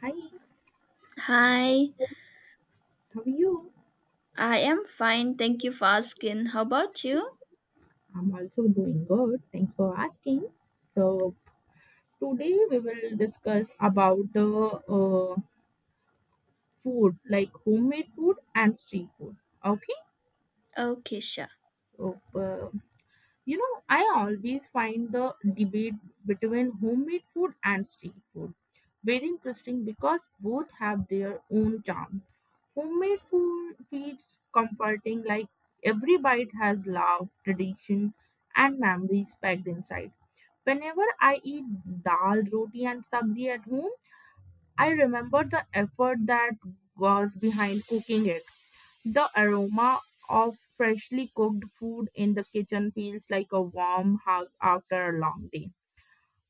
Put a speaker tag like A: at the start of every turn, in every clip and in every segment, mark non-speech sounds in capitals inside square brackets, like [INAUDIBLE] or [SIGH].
A: Hi,
B: Hi,
A: how are you?
B: I am fine. Thank you for asking. How about you?
A: I'm also doing good. Thanks for asking. So today we will discuss about the uh, food, like homemade food and street food. Okay.
B: Okay, sure.
A: So, you know, I always find the debate between homemade food and street food very interesting because both have their own charm. Homemade food feels comforting, like every bite has love, tradition, and memories packed inside. Whenever I eat dal, roti, and sabzi at home, I remember the effort that goes behind cooking it. The aroma of freshly cooked food in the kitchen feels like a warm hug after a long day.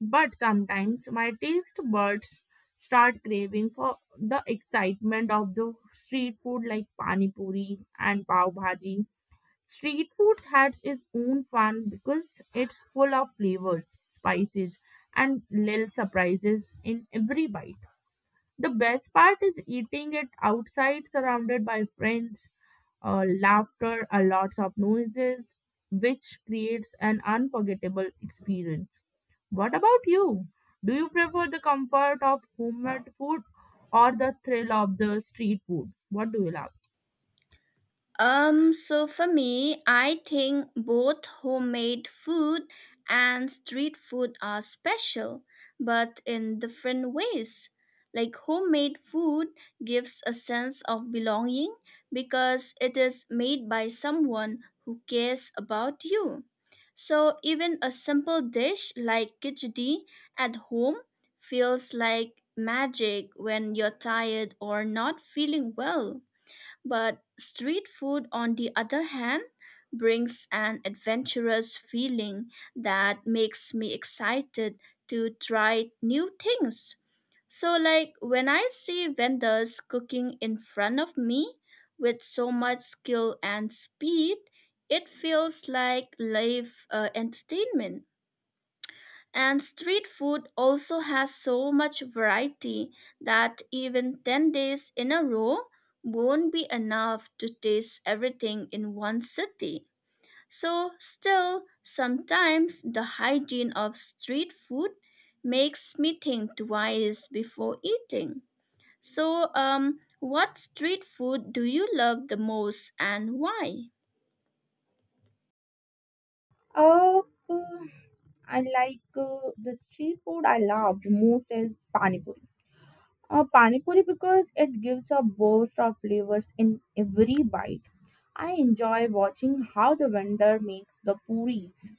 A: But sometimes my taste buds start craving for the excitement of the street food like pani puri and pav bhaji. Street food has its own fun because it's full of flavors, spices, and little surprises in every bite. The best part is eating it outside, surrounded by friends, laughter, a lots of noises, which creates an unforgettable experience. What about you? Do you prefer the comfort of homemade food or the thrill of the street food? What do you love?
B: So for me, I think both homemade food and street food are special, but in different ways. Like homemade food gives a sense of belonging because it is made by someone who cares about you. So even a simple dish like khichdi at home feels like magic when you're tired or not feeling well. But street food, on the other hand, brings an adventurous feeling that makes me excited to try new things. So, like when I see vendors cooking in front of me with so much skill and speed, it feels like live entertainment. And street food also has so much variety that even 10 days in a row won't be enough to taste everything in one city. So, still, sometimes the hygiene of street food makes me think twice before eating. So, what street food do you love the most and why?
A: Uh, uh, I like the street food I love the most is pani puri. Pani puri because it gives a burst of flavors in every bite. I enjoy watching how the vendor makes the puris,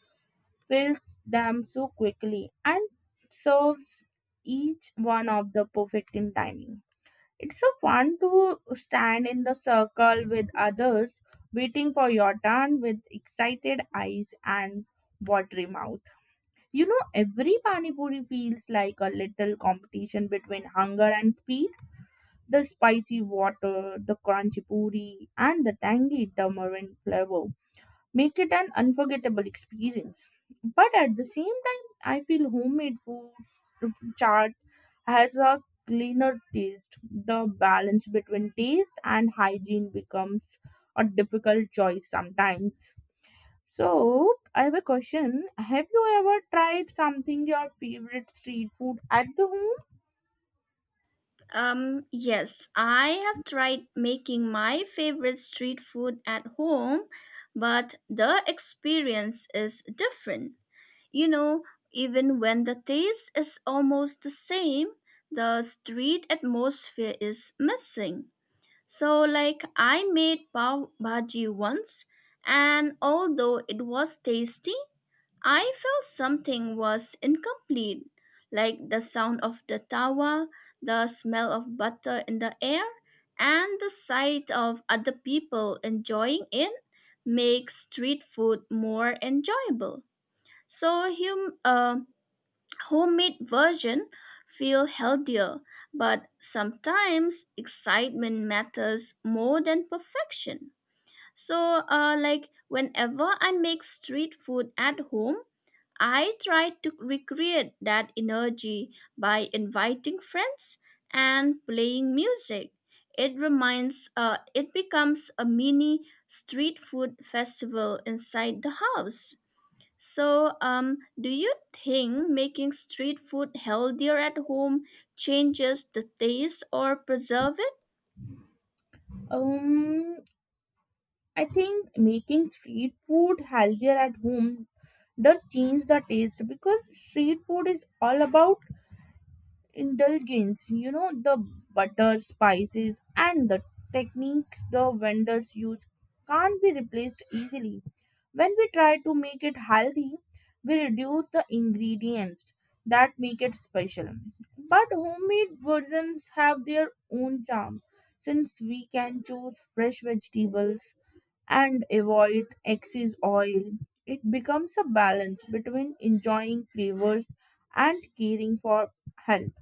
A: fills them so quickly, and serves each one of the perfect in timing. It's so fun to stand in the circle with others, waiting for your turn with excited eyes and watery mouth. You know, every pani puri feels like a little competition between hunger and speed. The spicy water, the crunchy puri, and the tangy tamarind flavor make it an unforgettable experience. But at the same time, I feel homemade food, charred as a cleaner taste, the balance between taste and hygiene becomes a difficult choice sometimes. So, I have a question. Have you ever tried something your favorite street food at the
B: Yes, I have tried making my favorite street food at home, but the experience is different. You know, even when the taste is almost the same, the street atmosphere is missing. So, like, I made pav bhaji once, and although it was tasty, I felt something was incomplete, like the sound of the tawa, the smell of butter in the air, and the sight of other people enjoying it makes street food more enjoyable. So hum- uh, Homemade version feel healthier, but sometimes excitement matters more than perfection. So like whenever I make street food at home, I tried to recreate that energy by inviting friends and playing music. It becomes a mini street food festival inside the house. So, do you think making street food healthier at home changes the taste or preserve.
A: home? I think making street food healthier at home does change the taste because street food is all about indulgence, you know, the butter spices and the techniques the vendors use can't be replaced easily. When we try to make it healthy, we reduce the ingredients that make it special, but homemade versions have their own charm. Since we can choose fresh vegetables and avoid excess oil, it becomes a balance between enjoying flavors and caring for health.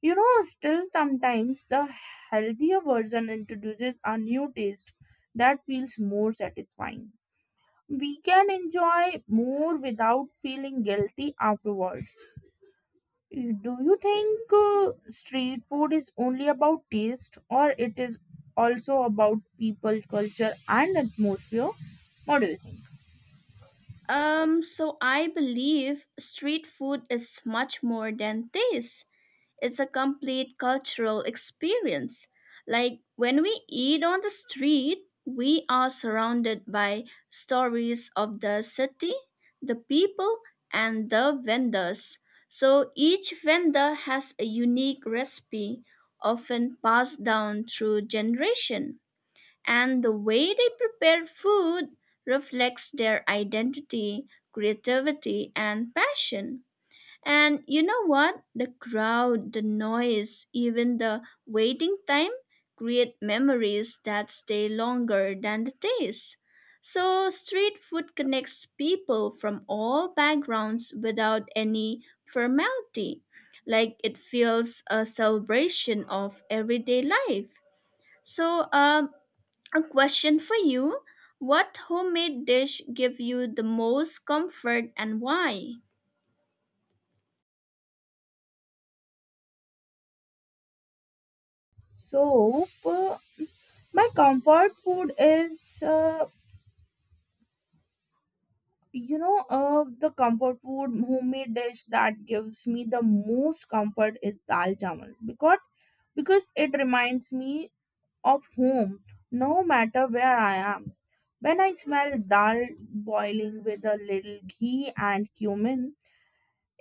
A: You know, still sometimes the healthier version introduces a new taste that feels more satisfying. We can enjoy more without feeling guilty afterwards. Do you think street food is only about taste or it is also about people, culture and atmosphere? What do you think?
B: So I believe street food is much more than taste. It's a complete cultural experience. Like when we eat on the street, we are surrounded by stories of the city, the people, and the vendors. So each vendor has a unique recipe, often passed down through generation and the way they prepare food reflects their identity, creativity, and passion. And you know what? The crowd, the noise, even the waiting time create memories that stay longer than the taste. So, street food connects people from all backgrounds without any formality. Like it feels a celebration of everyday life. So, a question for you. What homemade dish give you the most comfort and why?
A: So, my comfort food is the comfort food homemade dish that gives me the most comfort is dal chawal because it reminds me of home no matter where I am. When I smell dal boiling with a little ghee and cumin,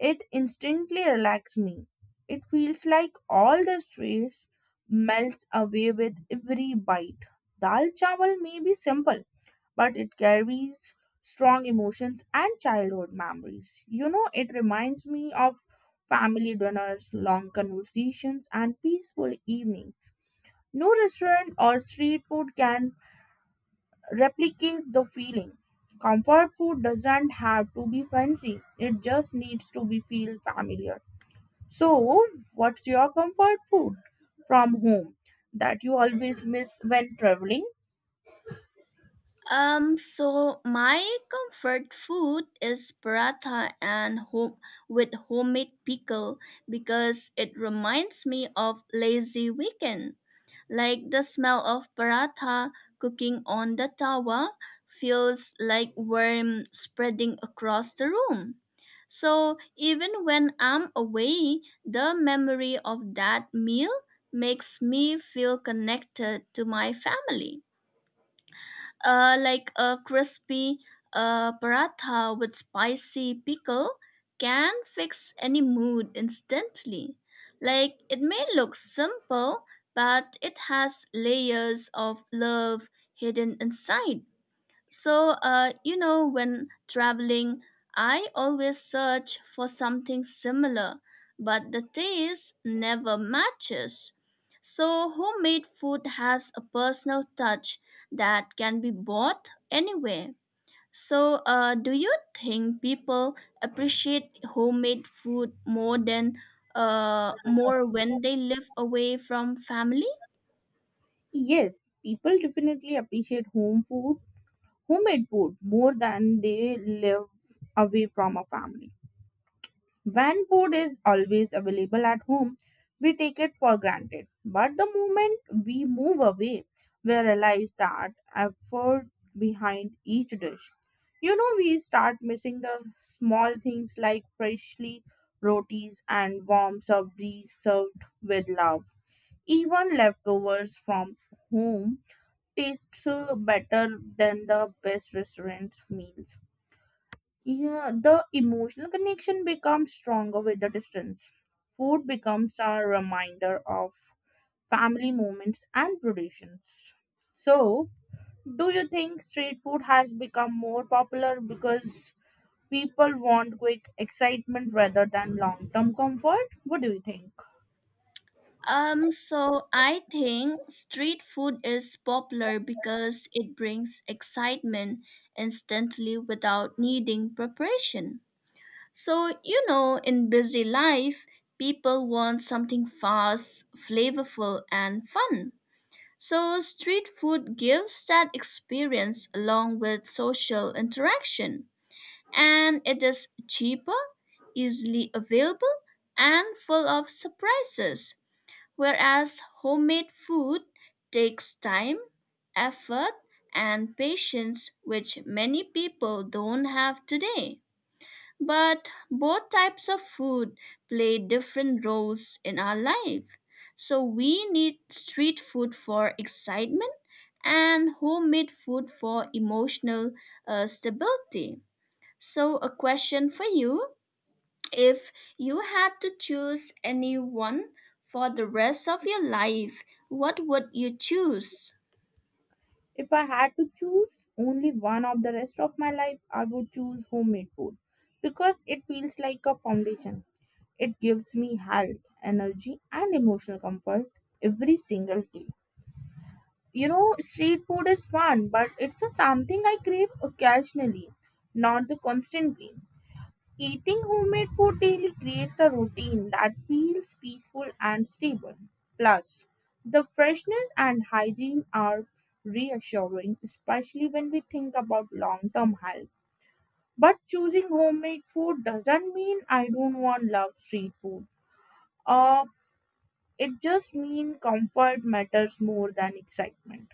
A: it instantly relaxes me. It feels like all the stress melts away with every bite. Dal chawal may be simple, but it carries strong emotions and childhood memories. You know, it reminds me of family dinners, long conversations, and peaceful evenings. No restaurant or street food can replicate the feeling. Comfort food doesn't have to be fancy, it just needs to be feel familiar. So, what's your comfort food from home that you always miss when traveling?
B: So my comfort food is paratha and home with homemade pickle because it reminds me of lazy weekend. Like the smell of paratha cooking on the tawa feels like worm spreading across the room. So even when I'm away, the memory of that meal makes me feel connected to my family like a crispy paratha with spicy pickle can fix any mood instantly. Like it may look simple, but it has layers of love hidden inside. So, you know, when traveling, I always search for something similar, but the taste never matches. So, homemade food has a personal touch that can be bought anywhere. So, do you think people appreciate homemade food more than more when they live away from family?
A: Yes, people definitely appreciate homemade food more than they live away from a family. When food is always available at home, we take it for granted. But the moment we move away, we realize that effort behind each dish. You know, we start missing the small things like freshly rotis and warm sabzi served with love. Even leftovers from home tastes better than the best restaurants meals. Yeah, the emotional connection becomes stronger with the distance. Food becomes a reminder of family moments and traditions. So, do you think street food has become more popular because people want quick excitement rather than long term comfort? What do you think?
B: So I think street food is popular because it brings excitement instantly without needing preparation. So, you know, in busy life, people want something fast, flavorful, and fun. So, street food gives that experience along with social interaction, and it is cheaper, easily available, and full of surprises. Whereas homemade food takes time, effort, and patience, which many people don't have today. But both types of food play different roles in our life. So we need street food for excitement and homemade food for emotional stability. So, a question for you: if you had to choose anyone for the rest of your life, what would you choose?
A: If I had to choose only one of the rest of my life, I would choose homemade food because it feels like a foundation. It gives me health, energy, and emotional comfort every single day. You know, street food is fun, but it's a something I crave occasionally, not the constantly. Eating homemade food daily creates a routine that feels peaceful and stable. Plus, the freshness and hygiene are reassuring, especially when we think about long term health. But choosing homemade food doesn't mean I don't want love street food. Uh, it just means comfort matters more than excitement.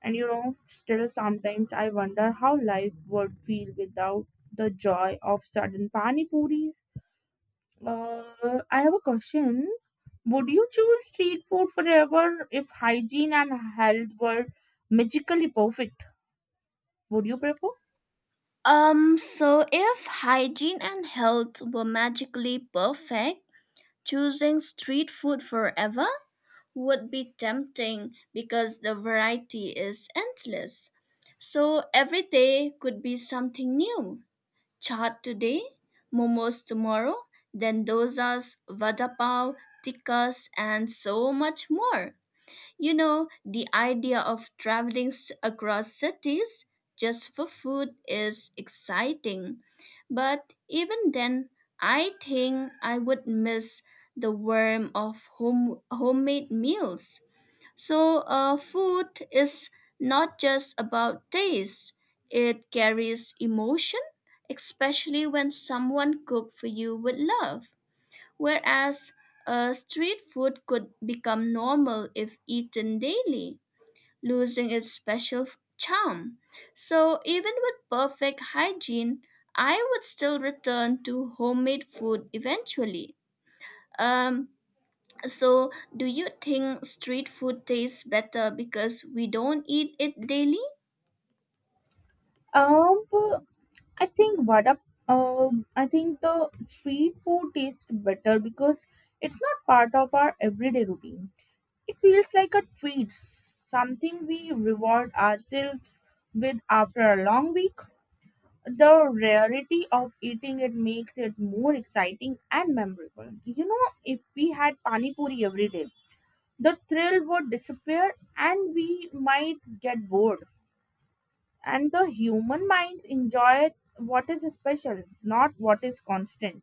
A: And you know, still sometimes I wonder how life would feel without the joy of sudden pani puris. Uh, I have a question. Would you choose street food forever if hygiene and health were magically perfect? Would you prefer?
B: So if hygiene and health were magically perfect, choosing street food forever would be tempting because the variety is endless. So every day could be something new. Chaat today, momos tomorrow, then dosas, vada pav, tikkas, and so much more. You know, the idea of across cities just for food is exciting, but even then, I think I would miss the warmth of home, homemade meals. So, food is not just about taste, it carries emotion, especially when someone cooks for you with love. Whereas street food could become normal if eaten daily, losing its charm. So, even with perfect hygiene, I would still return to homemade food eventually. Um, so, do you think street food tastes better because we don't eat it daily?
A: Um, I think what up. I think the street food tastes better because it's not part of our everyday routine. It feels like a treat, something we reward ourselves with after a long week. The rarity of eating it makes it more exciting and memorable. You know, if we had pani puri every day, the thrill would disappear and we might get bored. And the human minds enjoy what is special, not what is constant.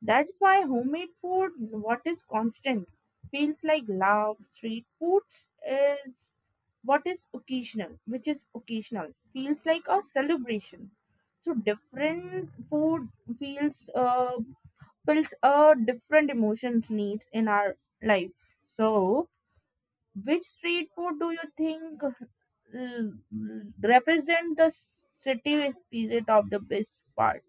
A: That's why homemade food, what is constant, feels like love. Street foods is what is occasional, which is occasional, feels like a celebration. So different food feels uh, feels different emotions needs in our life. So, which street food do you think represent the city spirit of the best part?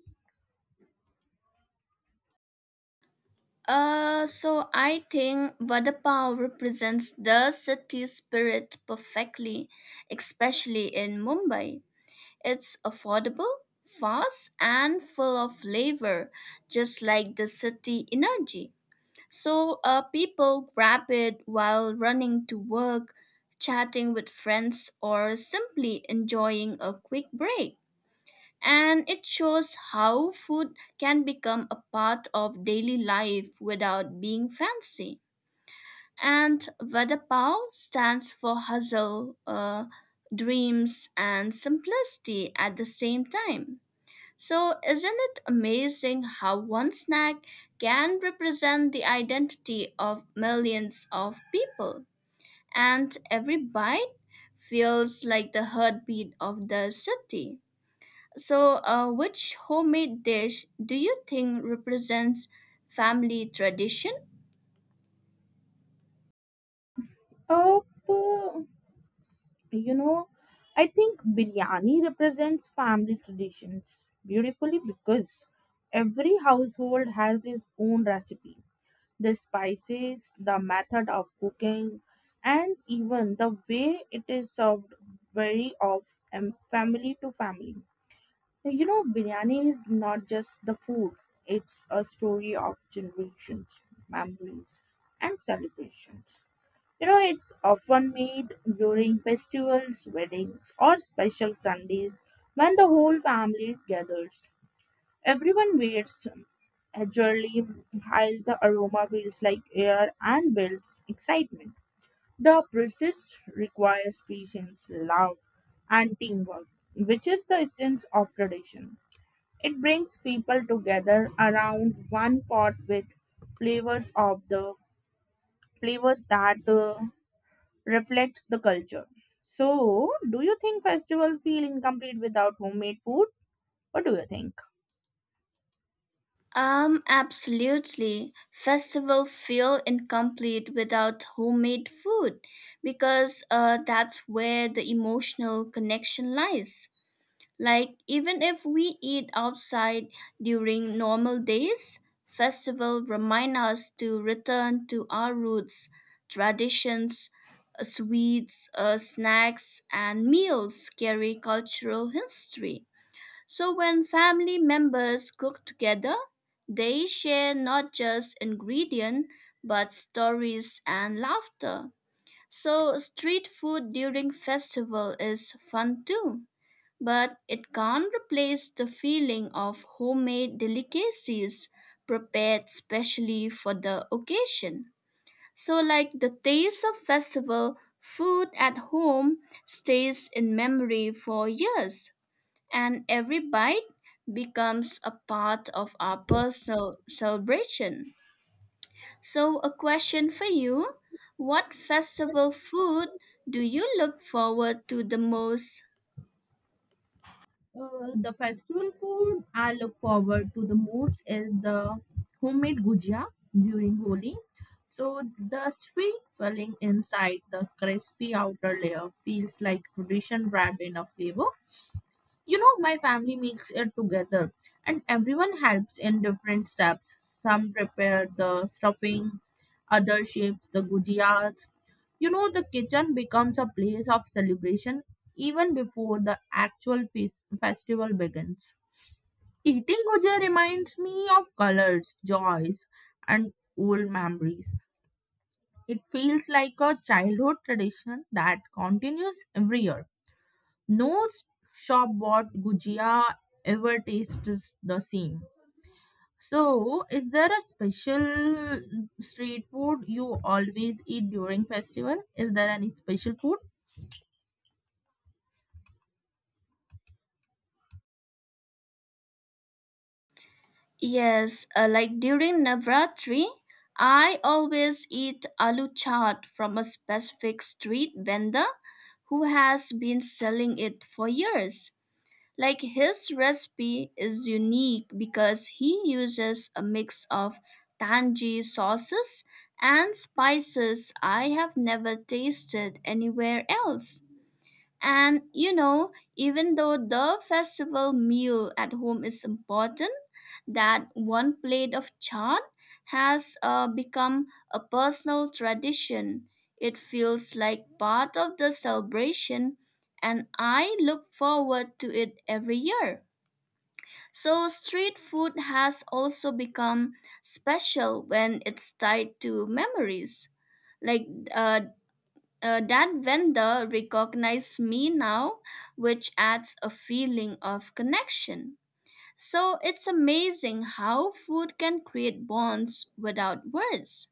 B: So I think Vadapao represents the city spirit perfectly, especially in Mumbai. It's affordable, fast, and full of flavor, just like the city energy. So people grab it while running to work, chatting with friends, or simply enjoying a quick break. And it shows how food can become a part of daily life without being fancy. And Vadapao stands for hustle, dreams, and simplicity at the same time. So, isn't it amazing how one snack can represent the identity of millions of people? And every bite feels like the heartbeat of the city. So, which homemade dish do you think represents family tradition?
A: Oh, you know, I think biryani represents family traditions beautifully because every household has its own recipe. The spices, the method of cooking, and even the way it is served vary of family to family. You know, biryani is not just the food, it's a story of generations, memories, and celebrations. You know, it's often made during festivals, weddings, or special Sundays when the whole family gathers. Everyone waits eagerly while the aroma feels like air and builds excitement. The process requires patience, love, and teamwork, which is the essence of tradition. It brings people together around one pot with flavors of the flavors that reflects the culture. So, do you think festival feel incomplete without homemade food? What do you think?
B: Absolutely. Festival feel incomplete without homemade food because that's where the emotional connection lies. Like, even if we eat outside during normal days, festival remind us to return to our roots, traditions, sweets, snacks, and meals carry cultural history. So when family members cook together, they share not just ingredients but stories and laughter. So street food during festival is fun too, but it can't replace the feeling of homemade delicacies prepared specially for the occasion. So, like the taste of festival food at home stays in memory for years, and every bite becomes a part of our personal celebration. So, a question for you: what festival food do you look forward to the most?
A: The festival food I look forward to the most is the homemade gujia during Holi. So the sweet filling inside the crispy outer layer feels like tradition wrapped in a flavor. You know, my family makes it together and everyone helps in different steps. Some prepare the stuffing, others shapes the gujiyas. You know, the kitchen becomes a place of celebration even before the festival begins. Eating gujiya reminds me of colors, joys, and old memories. It feels like a childhood tradition that continues every year. No shop bought gujia ever tastes the same. So, is there a special street food you always eat during festival? Is there any special food?
B: Yes, like during Navratri, I always eat aloo chaat from a specific street vendor who has been selling it for years. Like his recipe is unique because he uses a mix of tangy sauces and spices I have never tasted anywhere else. And you know, even though the festival meal at home is important, that one plate of chaat has become a personal tradition. It feels like part of the celebration, and I look forward to it every year. So, street food has also become special when it's tied to memories. Like that vendor recognized me now, which adds a feeling of connection. So it's amazing how food can create bonds without words.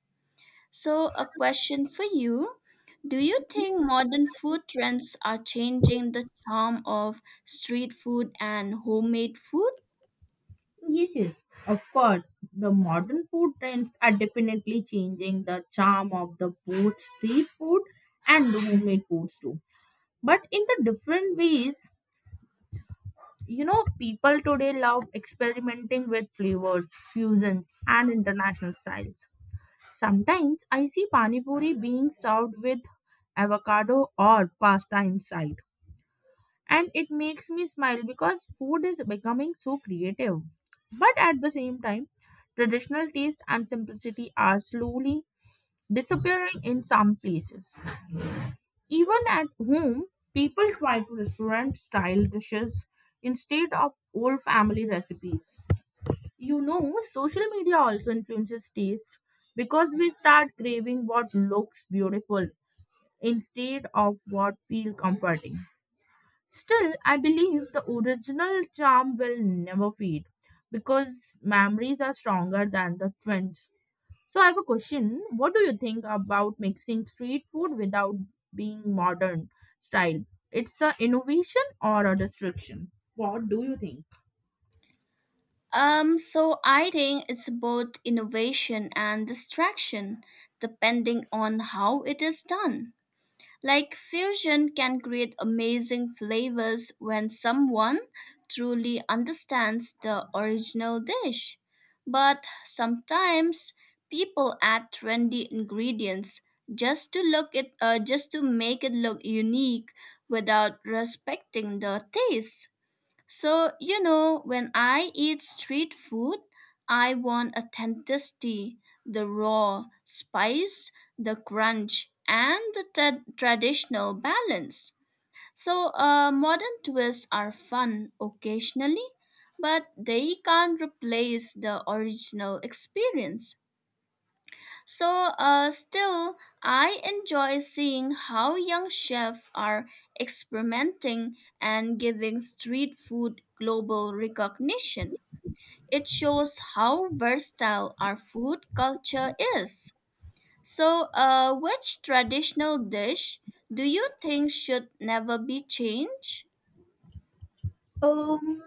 B: So, a question for you: do you think modern food trends are changing the charm of street food and homemade food?
A: Yes, yes, of course. The modern food trends are definitely changing the charm of the both street food and the homemade foods too. But in the different ways, you know, people today love experimenting with flavors, fusions, and international styles. Sometimes I see pani puri being served with avocado or pasta inside, and it makes me smile because food is becoming so creative. But at the same time, traditional taste and simplicity are slowly disappearing in some places. Even at home, people try to restaurant style dishes instead of old family recipes. You know, social media also influences taste because we start craving what looks beautiful instead of what feel comforting. Still, I believe the original charm will never fade because memories are stronger than the trends. So, I have a question. What do you think about mixing street food without being modern style? It's a innovation or a destruction? What do you think?
B: So I think it's both innovation and distraction, depending on how it is done. Like fusion can create amazing flavors when someone truly understands the original dish. But sometimes people add trendy ingredients just to make it look unique without respecting the taste. So, you know, when I eat street food, I want authenticity, the raw spice, the crunch, and the traditional balance. So, modern twists are fun occasionally, but they can't replace the original experience. So, still, I enjoy seeing how young chefs are experimenting and giving street food global recognition. It shows how versatile our food culture is. So, which traditional dish do you think should never be changed?
A: Um,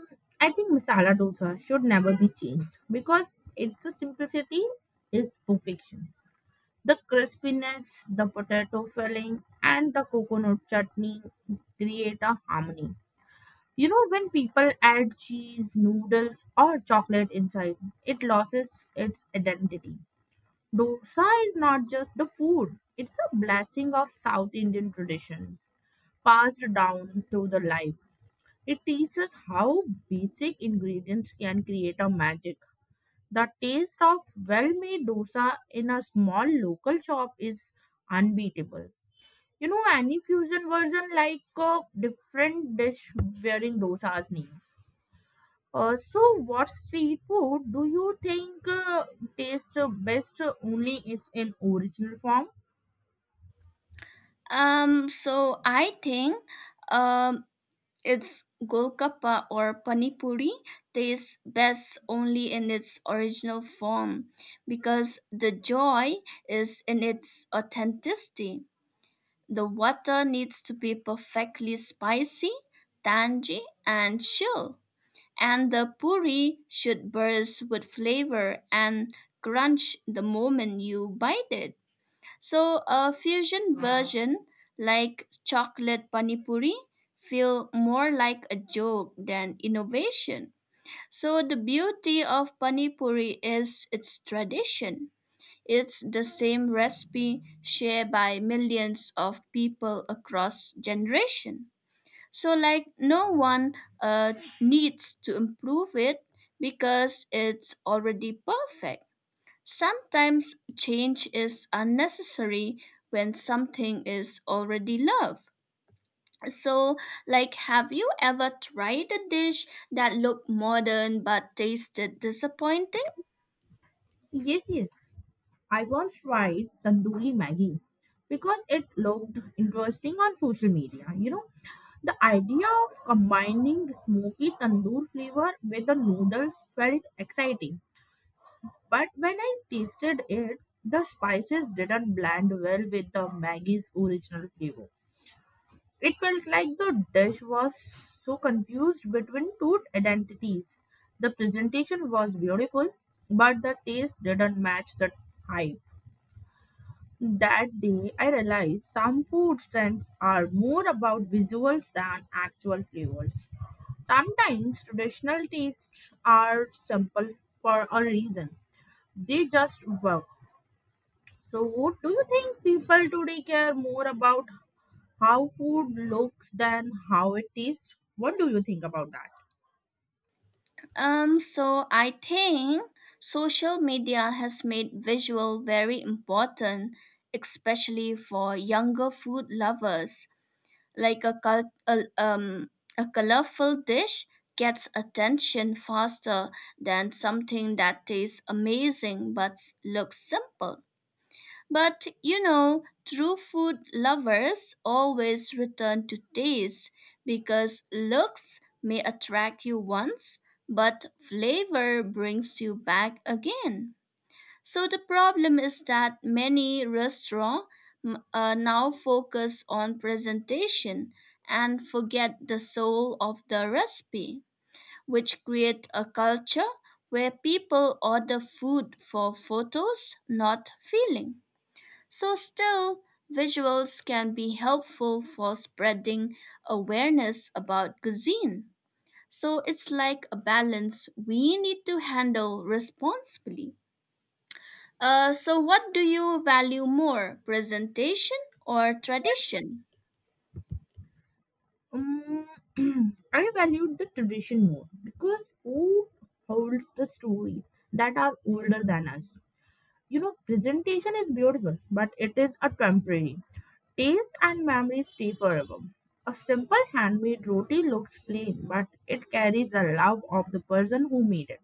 A: I think masala dosa should never be changed because it's a simplicity is perfection. The crispiness, the potato filling, and the coconut chutney create a harmony. You know, when people add cheese, noodles, or chocolate inside, it loses its identity. Dosa is not just the food, it's a blessing of South Indian tradition passed down through the life. It teaches how basic ingredients can create a magic. The taste of well-made dosa in a small local shop is unbeatable. You know, any fusion version like a different dish wearing dosa's name. So, what street food do you think tastes best only it's in original form?
B: So I think um, its golgappa or panipuri tastes best only in its original form because the joy is in its authenticity. The water needs to be perfectly spicy, tangy, and chill. And the puri should burst with flavor and crunch the moment you bite it. So a fusion version like chocolate panipuri feel more like a joke than innovation. So the beauty of panipuri is its tradition. It's the same recipe shared by millions of people across generation. So like no one uh, needs to improve it because it's already perfect. Sometimes change is unnecessary when something is already loved. So, like, have you ever tried a dish that looked modern but tasted disappointing?
A: Yes, yes. I once tried tandoori Maggie because it looked interesting on social media. You know, the idea of combining the smoky tandoor flavor with the noodles felt exciting, but when I tasted it, the spices didn't blend well with the Maggie's original flavor. It felt like the dish was so confused between two identities. The presentation was beautiful, but the taste didn't match the hype. That day, I realized some food trends are more about visuals than actual flavors. Sometimes traditional tastes are simple for a reason, they just work. So, do you think people today care more about how food looks than how it tastes? What do you think about that?
B: So I think social media has made visual very important, especially for younger food lovers. like a, col- a, um, a colorful dish gets attention faster than something that tastes amazing but looks simple. But you know, true food lovers always return to taste because looks may attract you once, but flavor brings you back again. So the problem is that many restaurants now focus on presentation and forget the soul of the recipe, which create a culture where people order food for photos, not feeling. So still, visuals can be helpful for spreading awareness about cuisine. So it's like a balance we need to handle responsibly. So, what do you value more, presentation or tradition?
A: Um, [CLEARS THROAT] I valued the tradition more because food holds the story that are older than us. You know, presentation is beautiful, but it is a temporary. Taste and memory stay forever. A simple handmade roti looks plain, but it carries the love of the person who made it.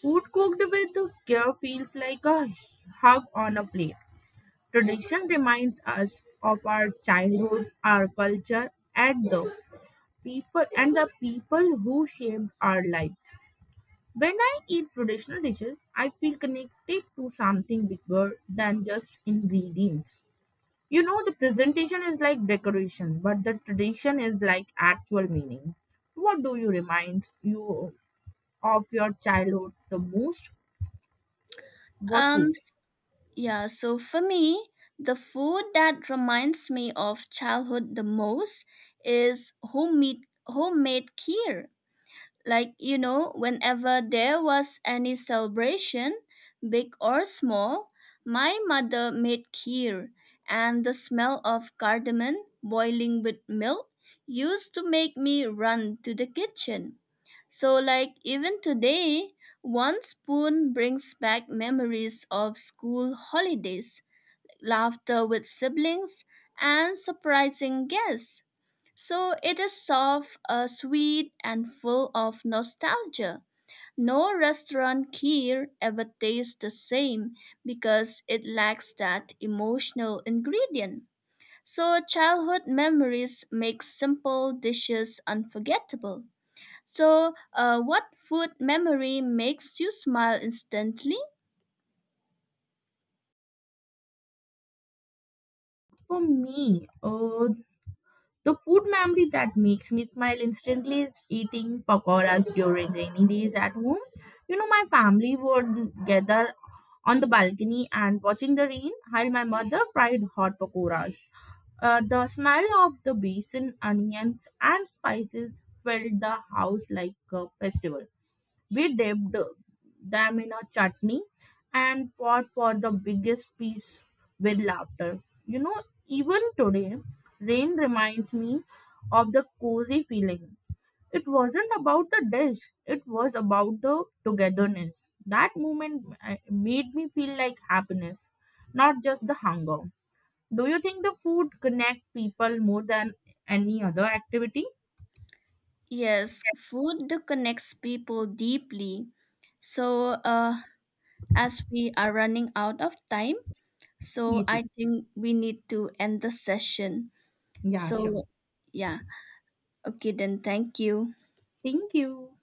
A: Food cooked with care feels like a hug on a plate. Tradition reminds us of our childhood, our culture, and the people who shaped our lives. When I eat traditional dishes, I feel connected to something bigger than just ingredients. You know, the presentation is like decoration, but the tradition is like actual meaning. What do you remind you of your childhood the most? What
B: Um,
A: food?
B: s- yeah, so for me, the food that reminds me of childhood the most is homemade kheer. Like, you know, whenever there was any celebration, big or small, my mother made kheer, and the smell of cardamom boiling with milk used to make me run to the kitchen. So, like, even today, one spoon brings back memories of school holidays, laughter with siblings, and surprising guests. So, it is soft, sweet, and full of nostalgia. No restaurant here ever tastes the same because it lacks that emotional ingredient. So, childhood memories make simple dishes unforgettable. So, what food memory makes you smile instantly?
A: For me, the food memory that makes me smile instantly is eating pakoras during rainy days at home. You know, my family would gather on the balcony and watching the rain while my mother fried hot pakoras. The smell of the basin, onions, and spices filled the house like a festival. We dipped them in a chutney and fought for the biggest piece with laughter. You know, even today, rain reminds me of the cozy feeling. It wasn't about the dish, it was about the togetherness. That moment made me feel like happiness, not just the hunger. Do you think the food connect people more than any other activity?
B: Yes, food that connects people deeply. So, as we are running out of time, so I
A: Easy.
B: think we need to end the session.
A: Yeah,
B: So,
A: sure.
B: yeah, okay, then thank you.
A: Thank you.